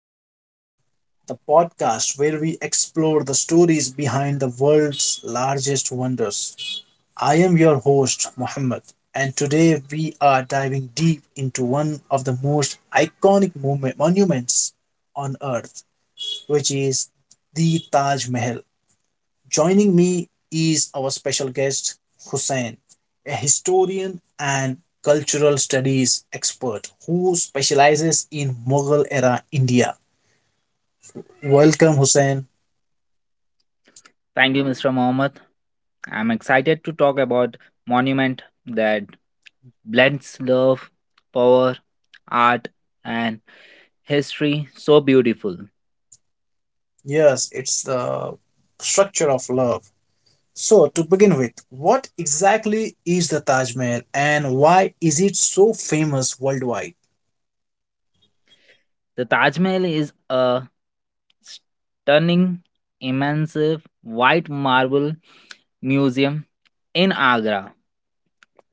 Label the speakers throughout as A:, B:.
A: Talks, the podcast where we explore the stories behind the world's largest wonders. I am your host, Muhammad, and today we are diving deep into one of the most iconic monuments on earth, which is the Taj Mahal. Joining me is our special guest, Hussein, a historian and cultural studies expert who specializes in Mughal era India. Welcome, Hussein.
B: Thank you, Mr. Mohammed. I'm excited to talk about monument that blends love, power, art, and history so beautiful.
A: Yes, it's the structure of love. So, to begin with, what exactly is the Taj Mahal and why is it so famous worldwide?
B: The Taj Mahal is a stunning, immense white marble museum in Agra,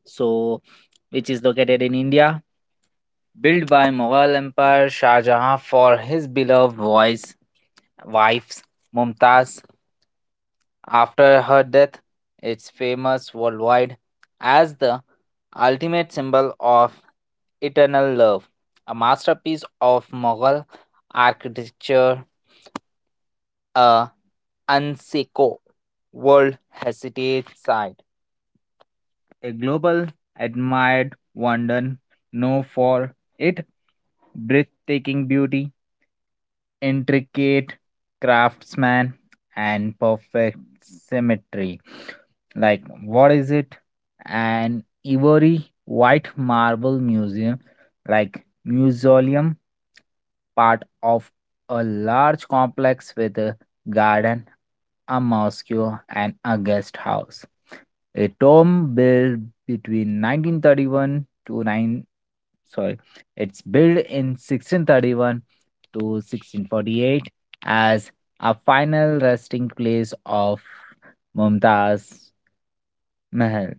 B: so which is located in India, built by Mughal Emperor Shah Jahan for his beloved voice, wives Mumtaz. After her death, it's famous worldwide as the ultimate symbol of eternal love, a masterpiece of Mughal architecture, a UNESCO World Heritage Site, a global admired wonder known for its breathtaking beauty intricate craftsman and perfect symmetry. Like, what is it? An ivory white marble museum, like mausoleum, part of a large complex with a garden, a mosque, and a guest house. A tomb built between 1931 to sorry, it's built in 1631 to 1648 as a final resting place of Mumtaz Mahal,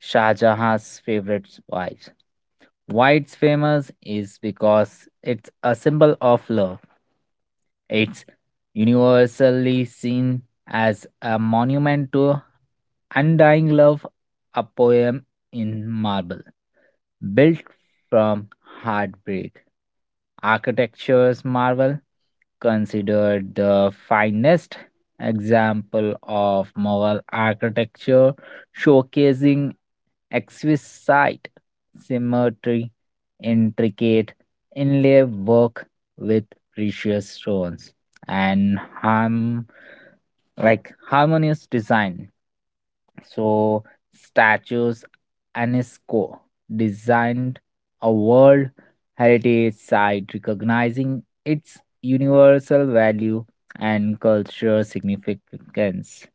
B: Shah Jahan's favorite wife. Why it's famous is because it's a symbol of love. It's universally seen as a monument to undying love, a poem in marble built from heartbreak. Architecture's marvel, considered the finest example of Mughal architecture, showcasing exquisite symmetry, intricate inlay work with precious stones, and harmonious design, so statues UNESCO designed a World Heritage Site recognizing its universal value and cultural significance.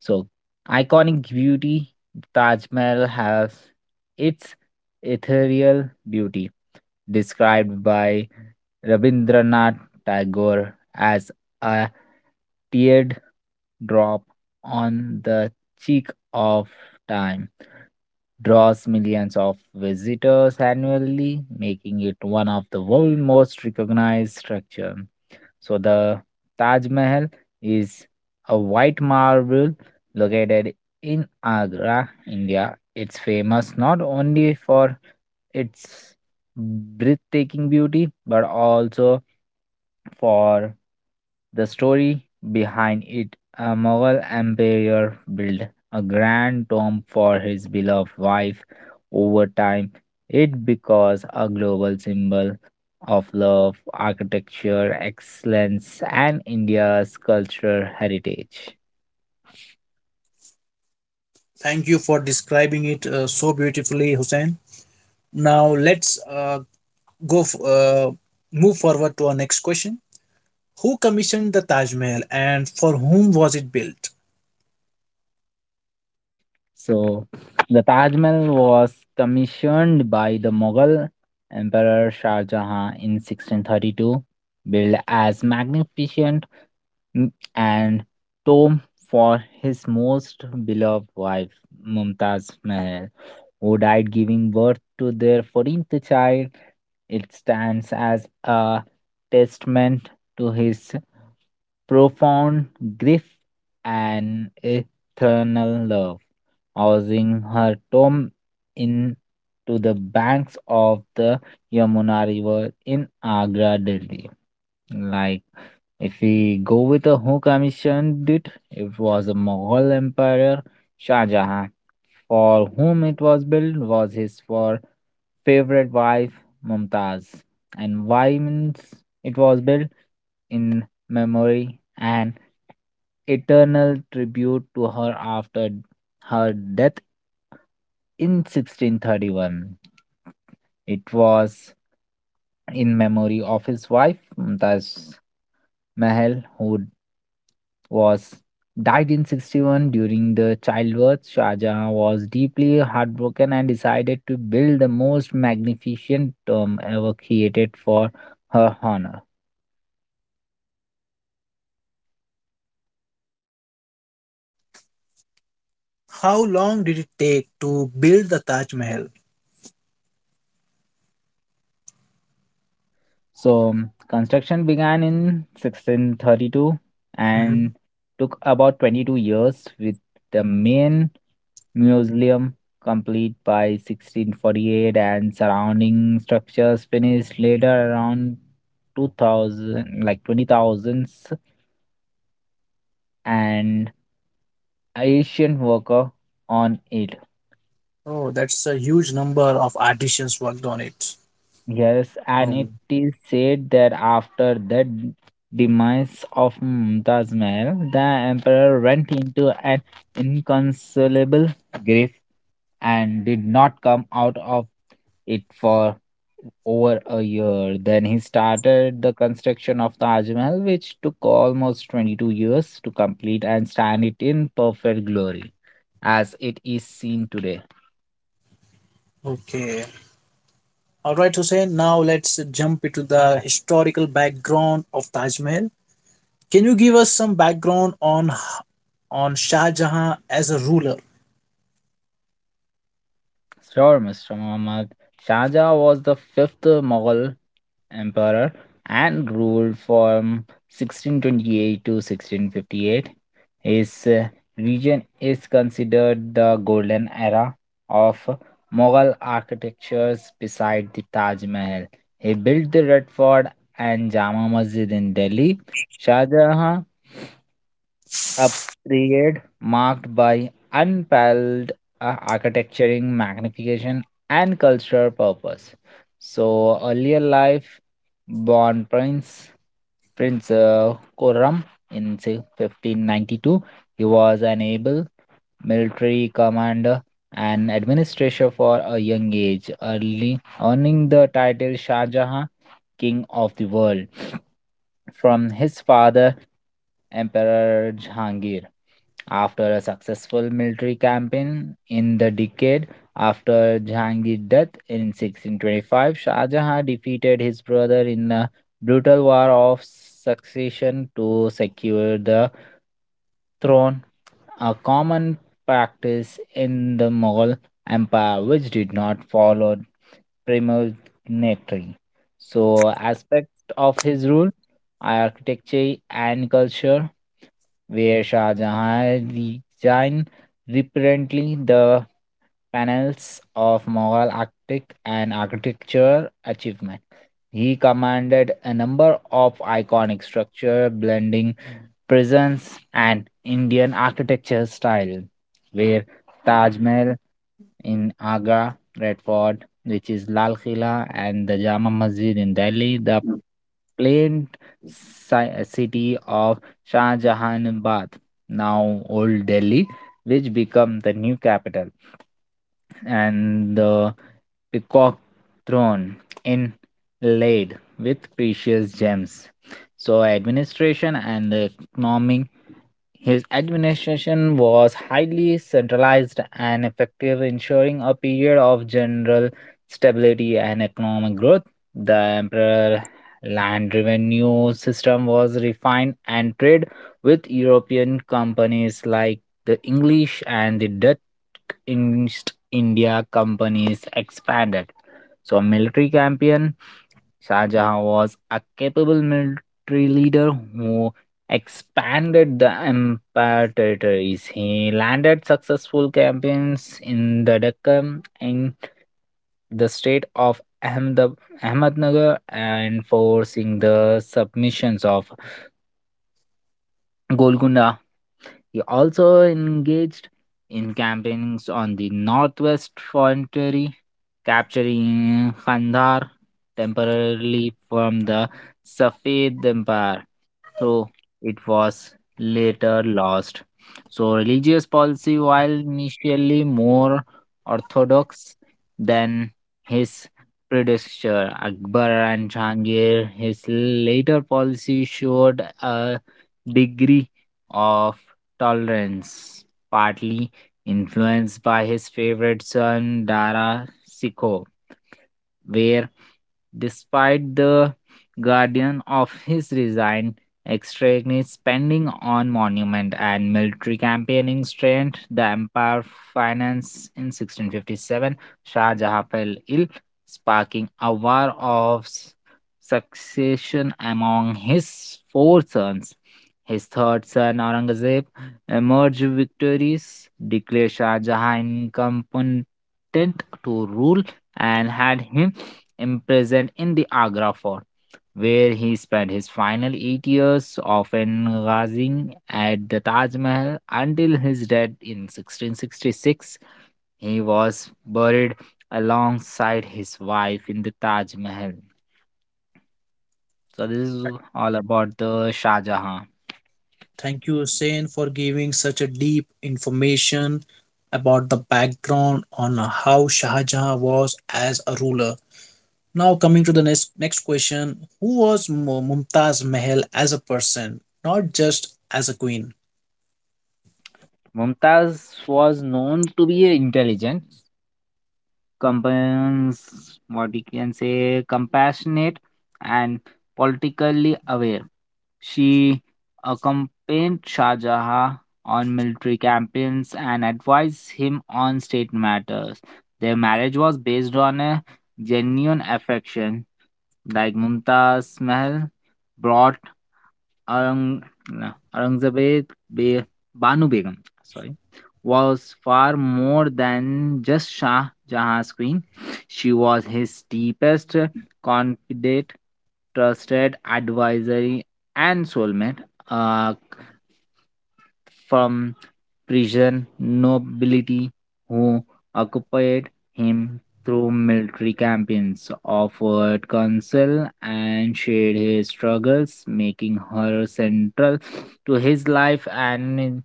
B: So iconic beauty, Taj Mahal has its ethereal beauty, described by Rabindranath Tagore as a teardrop on the cheek of time, draws millions of visitors annually, making it one of the world's most recognized structure. So the Taj Mahal is a white marble located in Agra, India. It's famous not only for its breathtaking beauty but also for the story behind it, a Mughal emperor built a grand tomb for his beloved wife. Over time, it becomes a global symbol of love, architecture, excellence, and India's cultural heritage.
A: Thank you for describing it so beautifully, Hussein. Now, let's go f- uh, move forward to our next question. Who commissioned the Taj Mahal and for whom was it built?
B: So, the Taj Mahal was commissioned by the Mughal Emperor Shah Jahan in 1632, built as magnificent and Tom for his most beloved wife, Mumtaz Mahal, who died giving birth to their 14th child. It stands as a testament to his profound grief and eternal love, housing her tomb in to the banks of the Yamuna River in Agra, Delhi. Like if we go with a who commissioned it, it was a Mughal Emperor Shah Jahan, for whom it was built was his for favorite wife Mumtaz. And why means it was built in memory and eternal tribute to her after her death in 1631. It was in memory of his wife Mumtaz Mahal, who was died in 61 during the childbirth. Shah Jahan was deeply heartbroken and decided to build the most magnificent tomb ever created for her honor.
A: How long did it take to build the Taj Mahal?
B: So construction began in 1632
A: Mhm.
B: and took about 22 years with the main museum complete by 1648 and surrounding structures finished later around 2000, like 20,000 And Asian worker on it.
A: Oh, that's a huge number of artisans worked on it.
B: Yes, and it
A: Um,
B: is said that after the demise of Mumtaz Mahal, the emperor went into an inconsolable grief and did not come out of it for over a year. Then he started the construction of Taj Mahal, which took almost 22 years to complete and stand it in perfect glory as it is seen today.
A: okay. All right, Hussein. Now let's jump into the historical background of Taj Mahal. Can you give us some background on Shah Jahan as a ruler?
B: Sure, Mr. Muhammad. Shah Jahan was the fifth Mughal emperor and ruled from 1628 to 1658. His region is considered the golden era of Mughal architectures beside the Taj Mahal. He built the Red Fort and Jama Masjid in Delhi. Shah Jahan a period marked by unparalleled architecturing, magnification, and cultural purpose. So, earlier life, born Prince Khurram in say, 1592, he was an able military commander and administrator for a young age, early earning the title Shah Jahan, King of the World, from his father Emperor Jahangir. After a successful military campaign in the decade after Jahangir's death in 1625, Shah Jahan defeated his brother in a brutal war of succession to secure the throne, a common practice in the Mughal Empire which did not follow premonitory. So, aspect of his rule, architecture and culture where Shah Jahan resigned reluctantly. The panels of Mughal Arctic and architecture achievement. He commanded a number of iconic structures blending presence and Indian architecture style, where Taj Mahal in Agra, Red Fort, which is Lal Khila, and the Jama Masjid in Delhi, the plain city of Shah Jahanabad, now Old Delhi, which became the new capital and the peacock throne inlaid with precious gems. So administration and the economic, his administration was highly centralized and effective, ensuring a period of general stability and economic growth. The imperial land revenue system was refined and trade with European companies like the English and the Dutch East India companies expanded. So, a military campaign, Shah Jahan was a capable military leader who expanded the empire territories. He landed successful campaigns in the Deccan and the state of Ahmednagar and forcing the submissions of Golconda. He also engaged in campaigns on the northwest frontier, capturing Kandahar temporarily from the Safed Empire, though it was later lost. So, religious policy, while initially more orthodox than his predecessor Akbar and Jahangir, his later policy showed a degree of tolerance, partly influenced by his favorite son Dara Sikho, where despite the guardian of his resigned, extraneous spending on monument and military campaigning strained the empire finance in 1657. Shah Jahan fell ill, sparking a war of succession among his four sons. His third son, Aurangzeb, emerged victorious, declared Shah Jahan incompetent to rule, and had him imprisoned in the Agra fort, where he spent his final 8 years, often gazing at the Taj Mahal until his death in 1666. He was buried alongside his wife in the Taj Mahal. So, this is all about the Shah Jahan.
A: Thank you, Hussein, for giving such a deep information about the background on how Shah Jahan was as a ruler. Now, coming to the next question, who was Mumtaz Mahal as a person, not just as a queen?
B: Mumtaz was known to be intelligent compans what we can say compassionate and politically aware. She accompanied Shah Jahan on military campaigns and advised him on state matters. Their marriage was based on a genuine affection. Like Mumtaz Mahal brought Aurang no, Aurangzeb Be- Banu Begum, sorry, was far more than just Shah Jahan's queen. She was his deepest confidant, trusted advisory, and soulmate. A from Persian nobility who occupied him through military campaigns, offered counsel, and shared his struggles, making her central to his life and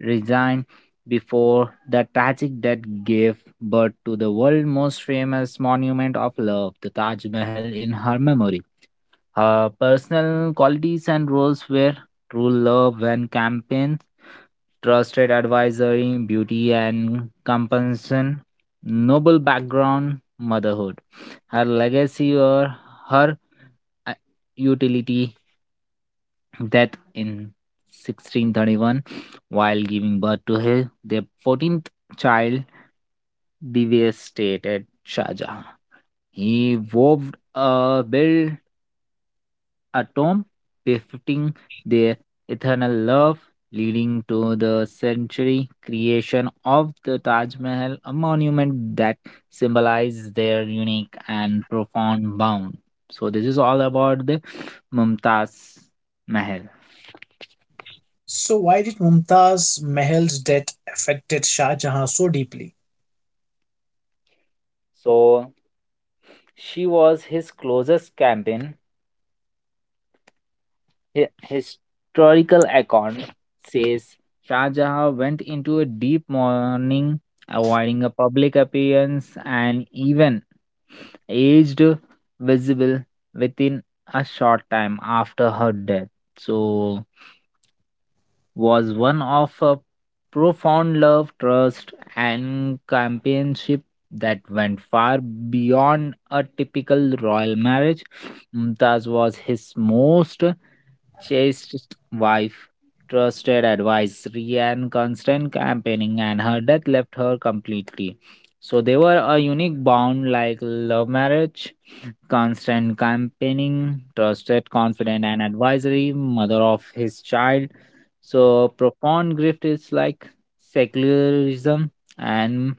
B: resigned before the tragic death, gave birth to the world's most famous monument of love, the Taj Mahal, in her memory. Her personal qualities and roles were true love and campaign, trusted advisory, beauty and compassion, noble background, motherhood. Her legacy or her uh, utility death in 1631 while giving birth to her, their 14th child, devastated Shahjahan. He wove a bill atom befitting their eternal love, leading to the century creation of the Taj Mahal, a monument that symbolizes their unique and profound bond. So this is all about the Mumtaz Mahal.
A: So, why did Mumtaz Mahal's death affected Shah Jahan so deeply?
B: So she was his closest companion, historical icon, says Shah Jahan went into a deep mourning avoiding a public appearance and even aged visible within a short time after her death. So was one of a profound love, trust, and companionship that went far beyond a typical royal marriage. Mumtaz was his most chaste wife, trusted advisory, and constant campaigning, and her death left her completely. So they were a unique bond like love marriage, constant campaigning, trusted, confident, and advisory, mother of his child. So profound grief is like secularism and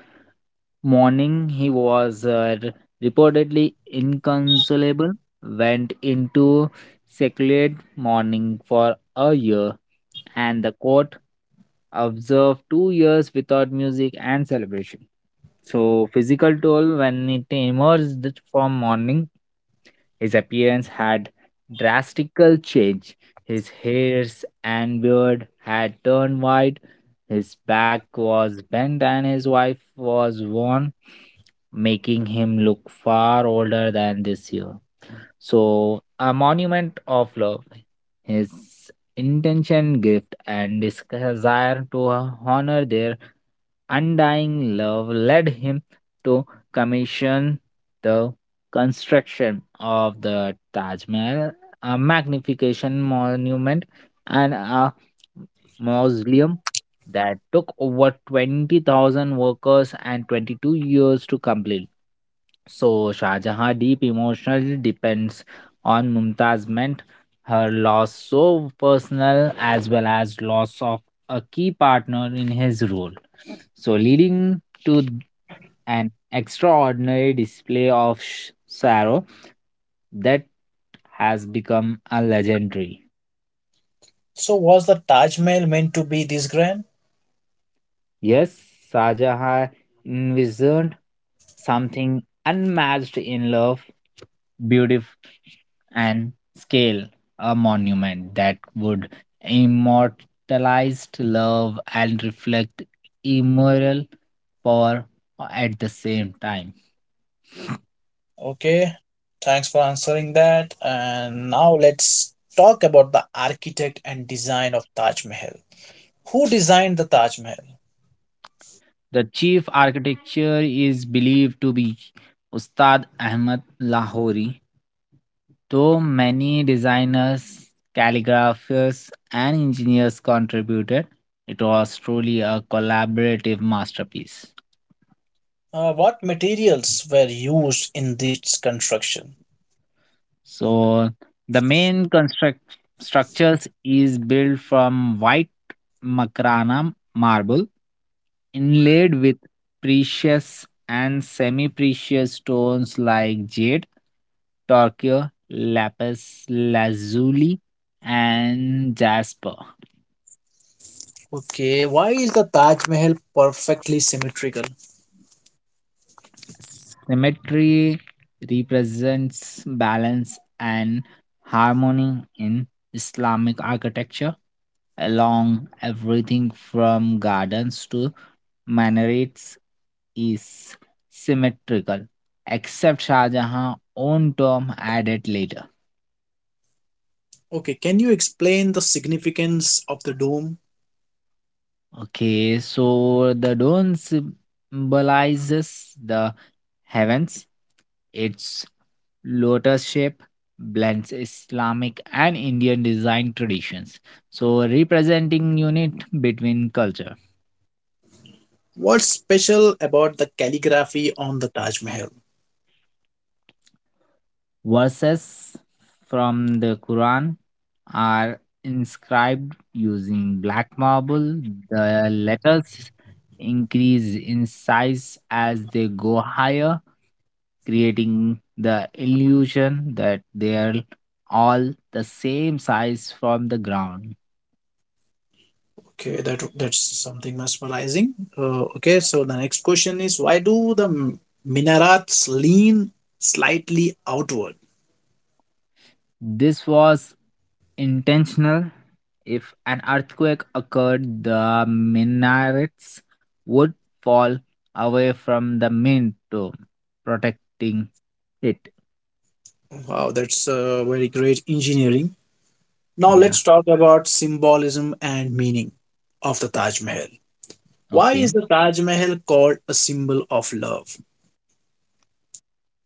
B: morning he was reportedly inconsolable, went into secluded mourning for a year and the court observed 2 years without music and celebration, so physical toll when it emerged from mourning his appearance had drastical change. His hairs and beard had turned white, his back was bent, and his wife was worn, making him look far older than this year. So, a monument of love. His intention, gift, and desire to honor their undying love led him to commission the construction of the Taj Mahal, a magnification monument, and a mausoleum that took over 20,000 workers and 22 years to complete. So Shah Jahan deep emotional depends on Mumtaz meant her loss so personal as well as loss of a key partner in his role. So leading to an extraordinary display of sorrow that has become a legendary.
A: So, was the Taj Mahal meant to be this grand?
B: Yes, Shah Jahan envisioned something unmatched in love, and scale a monument that would immortalize love and reflect immoral power at the same time.
A: Okay, thanks for answering that. And now let's talk about the architect and design of Taj Mahal. Who designed the Taj Mahal?
B: The chief architecture is believed to be Ustad Ahmad Lahori, though many designers, calligraphers, and engineers contributed. It was truly a collaborative masterpiece.
A: What materials were used in this construction?
B: So the main construct structures is built from white makrana marble inlaid with precious and semi-precious stones like jade, turquoise, lapis lazuli and jasper.
A: Okay, why is the Taj Mahal perfectly symmetrical?
B: Symmetry represents balance and harmony in Islamic architecture, along everything from gardens to minarets is symmetrical, except Shah Jahan's own tomb added later.
A: Okay, can you explain the significance of the dome?
B: Okay, so the dome symbolizes the heavens, its Lotus shape blends Islamic and Indian design traditions, so representing unit between culture.
A: What's special about the calligraphy on the Taj Mahal?
B: Verses from the Quran are inscribed using black marble. The letters increase in size as they go higher, creating the illusion that they're all the same size from the ground.
A: Okay, that's something mesmerizing. Okay, so the next question is why do the minarets lean slightly outward?
B: This was intentional. If an earthquake occurred, the minarets would fall away from the main tomb, protecting it.
A: Wow, that's very great engineering. Now
B: Yeah.
A: let's talk about symbolism and meaning of the Taj Mahal. Why
B: Okay.
A: is the Taj Mahal called a symbol of love?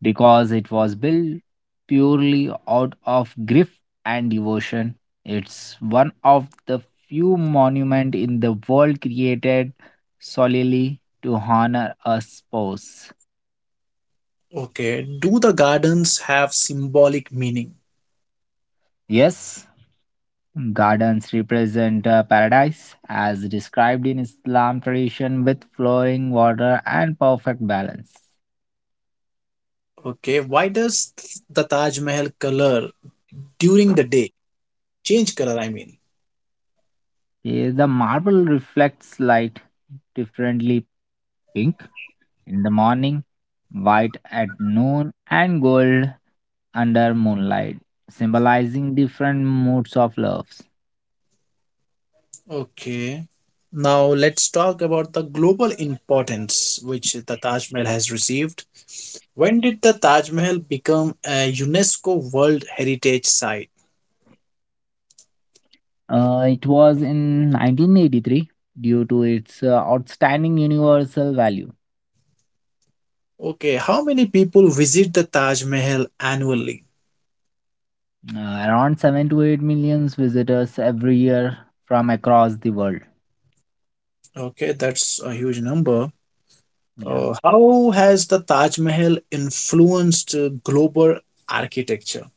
B: Because it was built purely out of grief and devotion. It's one of the few monuments in the world created solely to honor a spouse.
A: Okay, do the gardens have symbolic meaning?
B: Yes, gardens represent a paradise, as described in Islam tradition, with flowing water and perfect balance.
A: Okay, why does the Taj Mahal color during the day change color, I mean.
B: Here, the marble reflects light differently, pink in the morning, white at noon, and gold under moonlight, symbolizing different moods of loves.
A: Okay, now let's talk about the global importance which the Taj Mahal has received. When did the Taj Mahal become a UNESCO World Heritage Site?
B: It was in 1983 due to its outstanding universal value.
A: Okay, how many people visit the Taj Mahal annually?
B: Around 7 to 8 millions visitors every year from across the world.
A: Okay, that's a huge number.
B: Yeah.
A: How has the Taj Mahal influenced global architecture?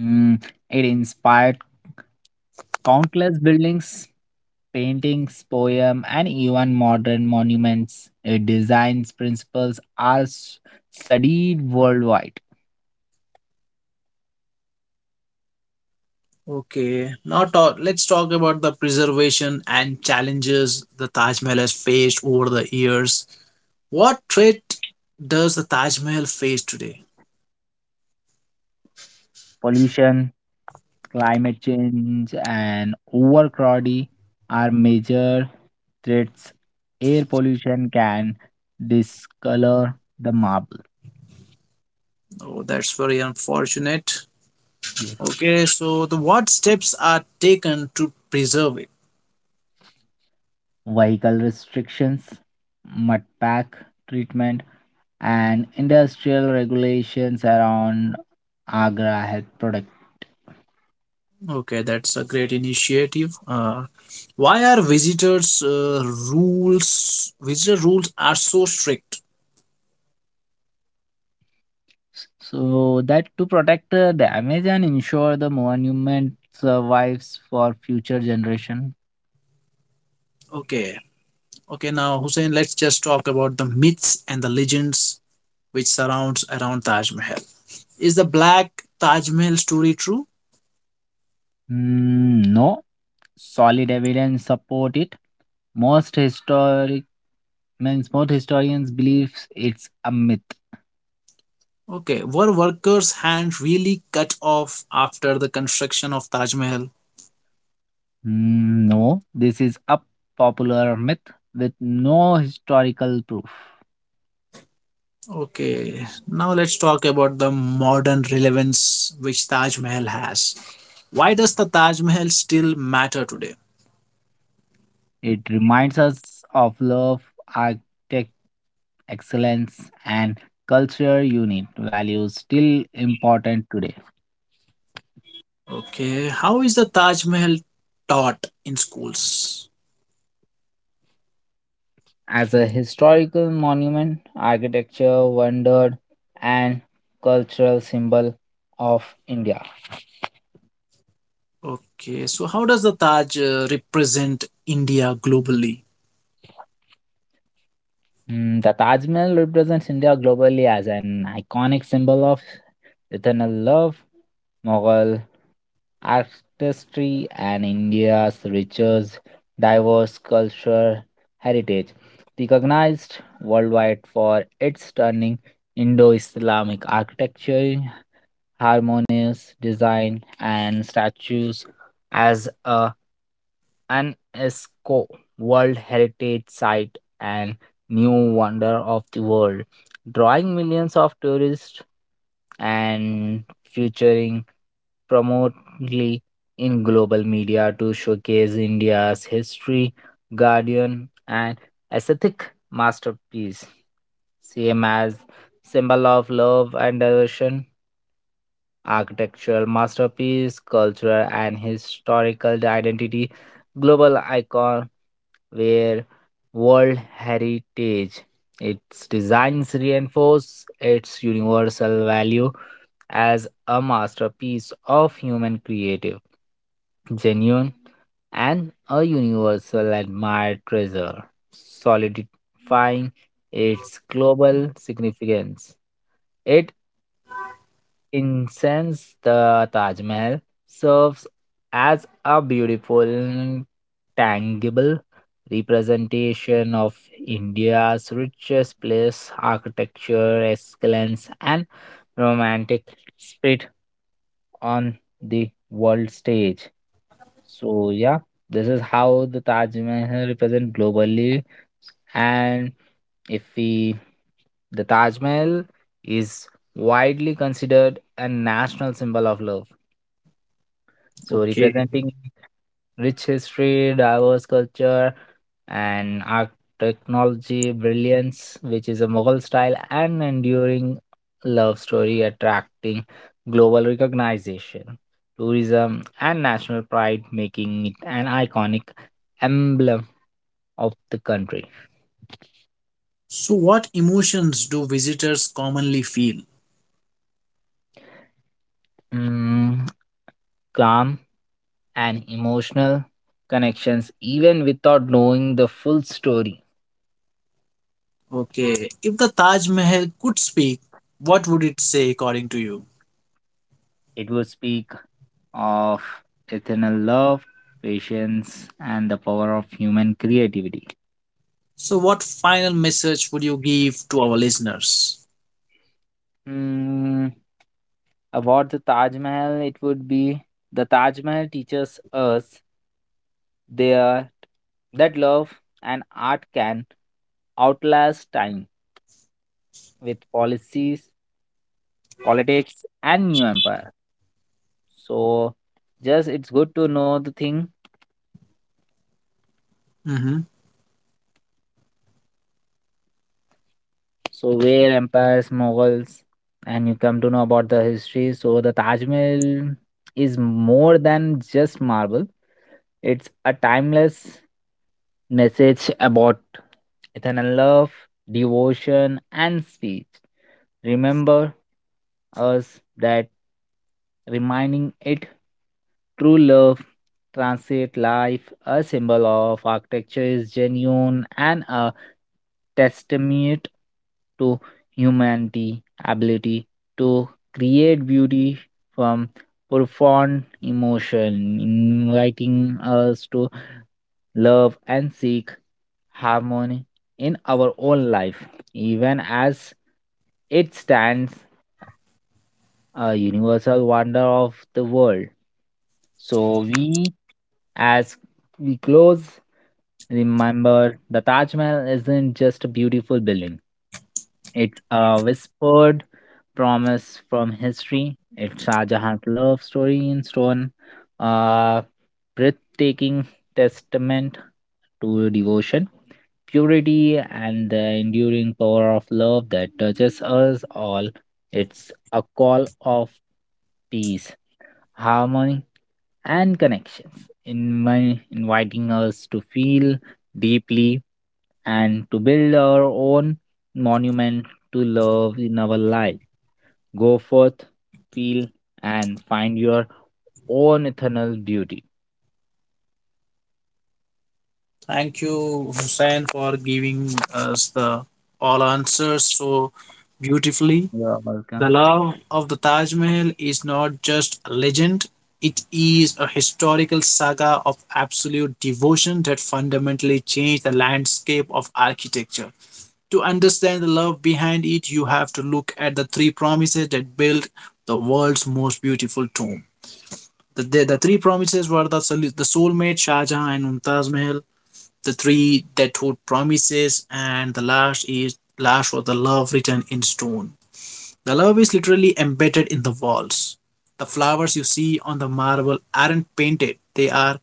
B: Mm, it inspired countless buildings, paintings, poems, and even modern monuments. Its designs principles are studied worldwide.
A: Okay, now let's talk about the preservation and challenges the Taj Mahal has faced over the years. What threat does the Taj Mahal face today?
B: Pollution, climate change, and overcrowding are major threats. Air pollution can discolor the marble.
A: Oh, that's very unfortunate. Okay, so the what steps are taken to preserve it?
B: Vehicle restrictions, mud pack treatment, and industrial regulations around Agra helped protect.
A: Okay, that's a great initiative. Why are visitor rules are so strict?
B: So that to protect the damage and ensure the monument survives for future generation.
A: Okay, okay. Now Hussein, let's just talk about the myths and the legends which surrounds around Taj Mahal. Is the black Taj Mahal story true?
B: No solid evidence support it. Most historic means most historians believes it's a myth.
A: Okay, were workers' hands really cut off after the construction of Taj Mahal?
B: No, this is a popular myth with no historical proof.
A: Okay, now let's talk about the modern relevance which Taj Mahal has. Why does the Taj Mahal still matter today?
B: It reminds us of love, architect excellence, and culture unit values still important today.
A: Okay, how is the Taj Mahal taught in schools?
B: As a historical monument, architecture, wonder, and cultural symbol of India.
A: Okay, so how does the Taj represent India globally?
B: The Taj Mahal represents India globally as an iconic symbol of eternal love, Mughal artistry and India's richest, diverse cultural heritage, recognized worldwide for its stunning Indo Islamic architecture, harmonious design, and statues as a UNESCO World Heritage Site and new wonder of the world, drawing millions of tourists and featuring prominently in global media to showcase India's history, guardian, and aesthetic masterpiece. Same as symbol of love and devotion, architectural masterpiece, cultural and historical identity, global icon where world heritage. Its designs reinforce its universal value as a masterpiece of human creative genuine, and a universal admired treasure, solidifying its global significance. It incense the Taj Mahal, serves as a beautiful, tangible representation of India's richest place, architecture, excellence, and romantic spirit on the world stage. So yeah, this is how the Taj Mahal represent globally. And if we, the Taj Mahal is widely considered a national symbol of love. So
A: Okay.
B: representing rich history, diverse culture, and art technology brilliance, which is a Mughal style and enduring love story attracting global recognition, tourism, and national pride, making it an iconic emblem of the country.
A: So, what emotions do visitors commonly feel?
B: Mm, Calm and emotional connections, even without knowing the full story.
A: Okay, if the Taj Mahal could speak, what would it say according to you?
B: It would speak of eternal love, patience, and the power of human creativity.
A: So, what final message would you give to our listeners?
B: Mm, about the Taj Mahal, it would be the Taj Mahal teaches us there that love and art can outlast time with policies, politics, and new empire. So, just it's good to know the thing.
A: Hmm.
B: So where empires, Mughals, and you come to know about the history. So the Taj Mahal is more than just marble. It's a timeless message about eternal love, devotion, and speech. Remember us that reminding it true love transit life a symbol of architecture is genuine and a testament to humanity ability to create beauty from profound emotion, inviting us to love and seek harmony in our own life, even as it stands a universal wonder of the world. So we, as we close, remember the Taj Mahal isn't just a beautiful building. It a whispered promise from history. It's Shah Jahan's love story in stone, a breathtaking testament to devotion, purity, and the enduring power of love that touches us all. It's a call of peace, harmony, and connections, in my inviting us to feel deeply and to build our own monument to love in our life. Go forth, feel, and find your own eternal beauty.
A: Thank you, Hussein, for giving us the all answers so beautifully.
B: You are
A: The
B: welcome.
A: love of the Taj Mahal is not just a legend, it is a historical saga of absolute devotion that fundamentally changed the landscape of architecture. To understand the love behind it, you have to look at the 3 promises that built the world's most beautiful tomb. The 3 promises were the soulmate Shah Jahan and Mumtaz Mahal, the 3 that hold promises, and the last was the love written in stone. The love is literally embedded in the walls. The flowers you see on the marble aren't painted, they are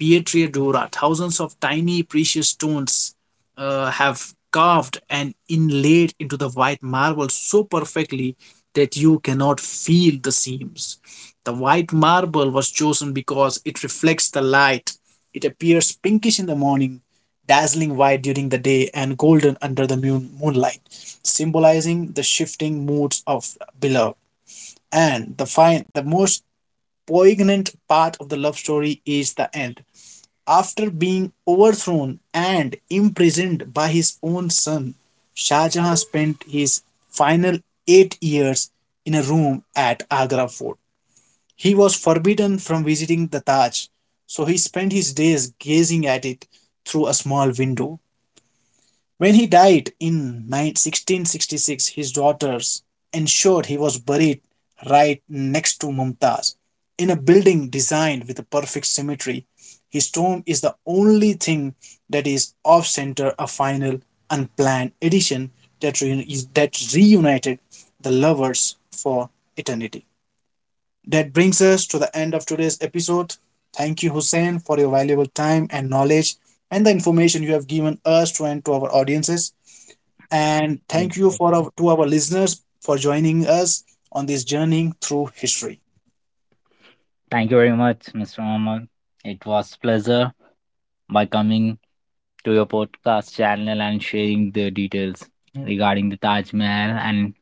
A: pietra Dura. Thousands of tiny precious stones have carved and inlaid into the white marble so perfectly that you cannot feel the seams. The white marble was chosen because it reflects the light. It appears pinkish in the morning, dazzling white during the day, and golden under the moonlight, symbolizing the shifting moods of beloved. And the most poignant part of the love story is the end. After being overthrown and imprisoned by his own son, Shah Jahan spent his final 8 years in a room at Agra Fort. He was forbidden from visiting the Taj, so he spent his days gazing at it through a small window. When he died in 1666, his daughters ensured he was buried right next to Mumtaz in a building designed with a perfect symmetry. His tomb is the only thing that is off center, a final, unplanned addition that, that reunited the lovers for eternity. That brings us to the end of today's episode. Thank you, Hussein, for your valuable time and knowledge and the information you have given us to and to our audiences. And
B: You are
A: thank you for
B: welcome.
A: to our listeners for joining us on this journey through history.
B: Thank you very much, Mr. Amal. It was pleasure by coming to your podcast channel and sharing the details regarding the Taj Mahal and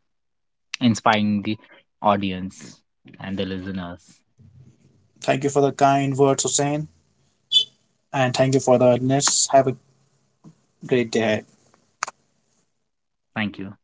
B: inspiring the audience and the listeners.
A: Thank you for the kind words, Hussein, and thank you for the listeners. Have a great day. Ahead.
B: Thank you.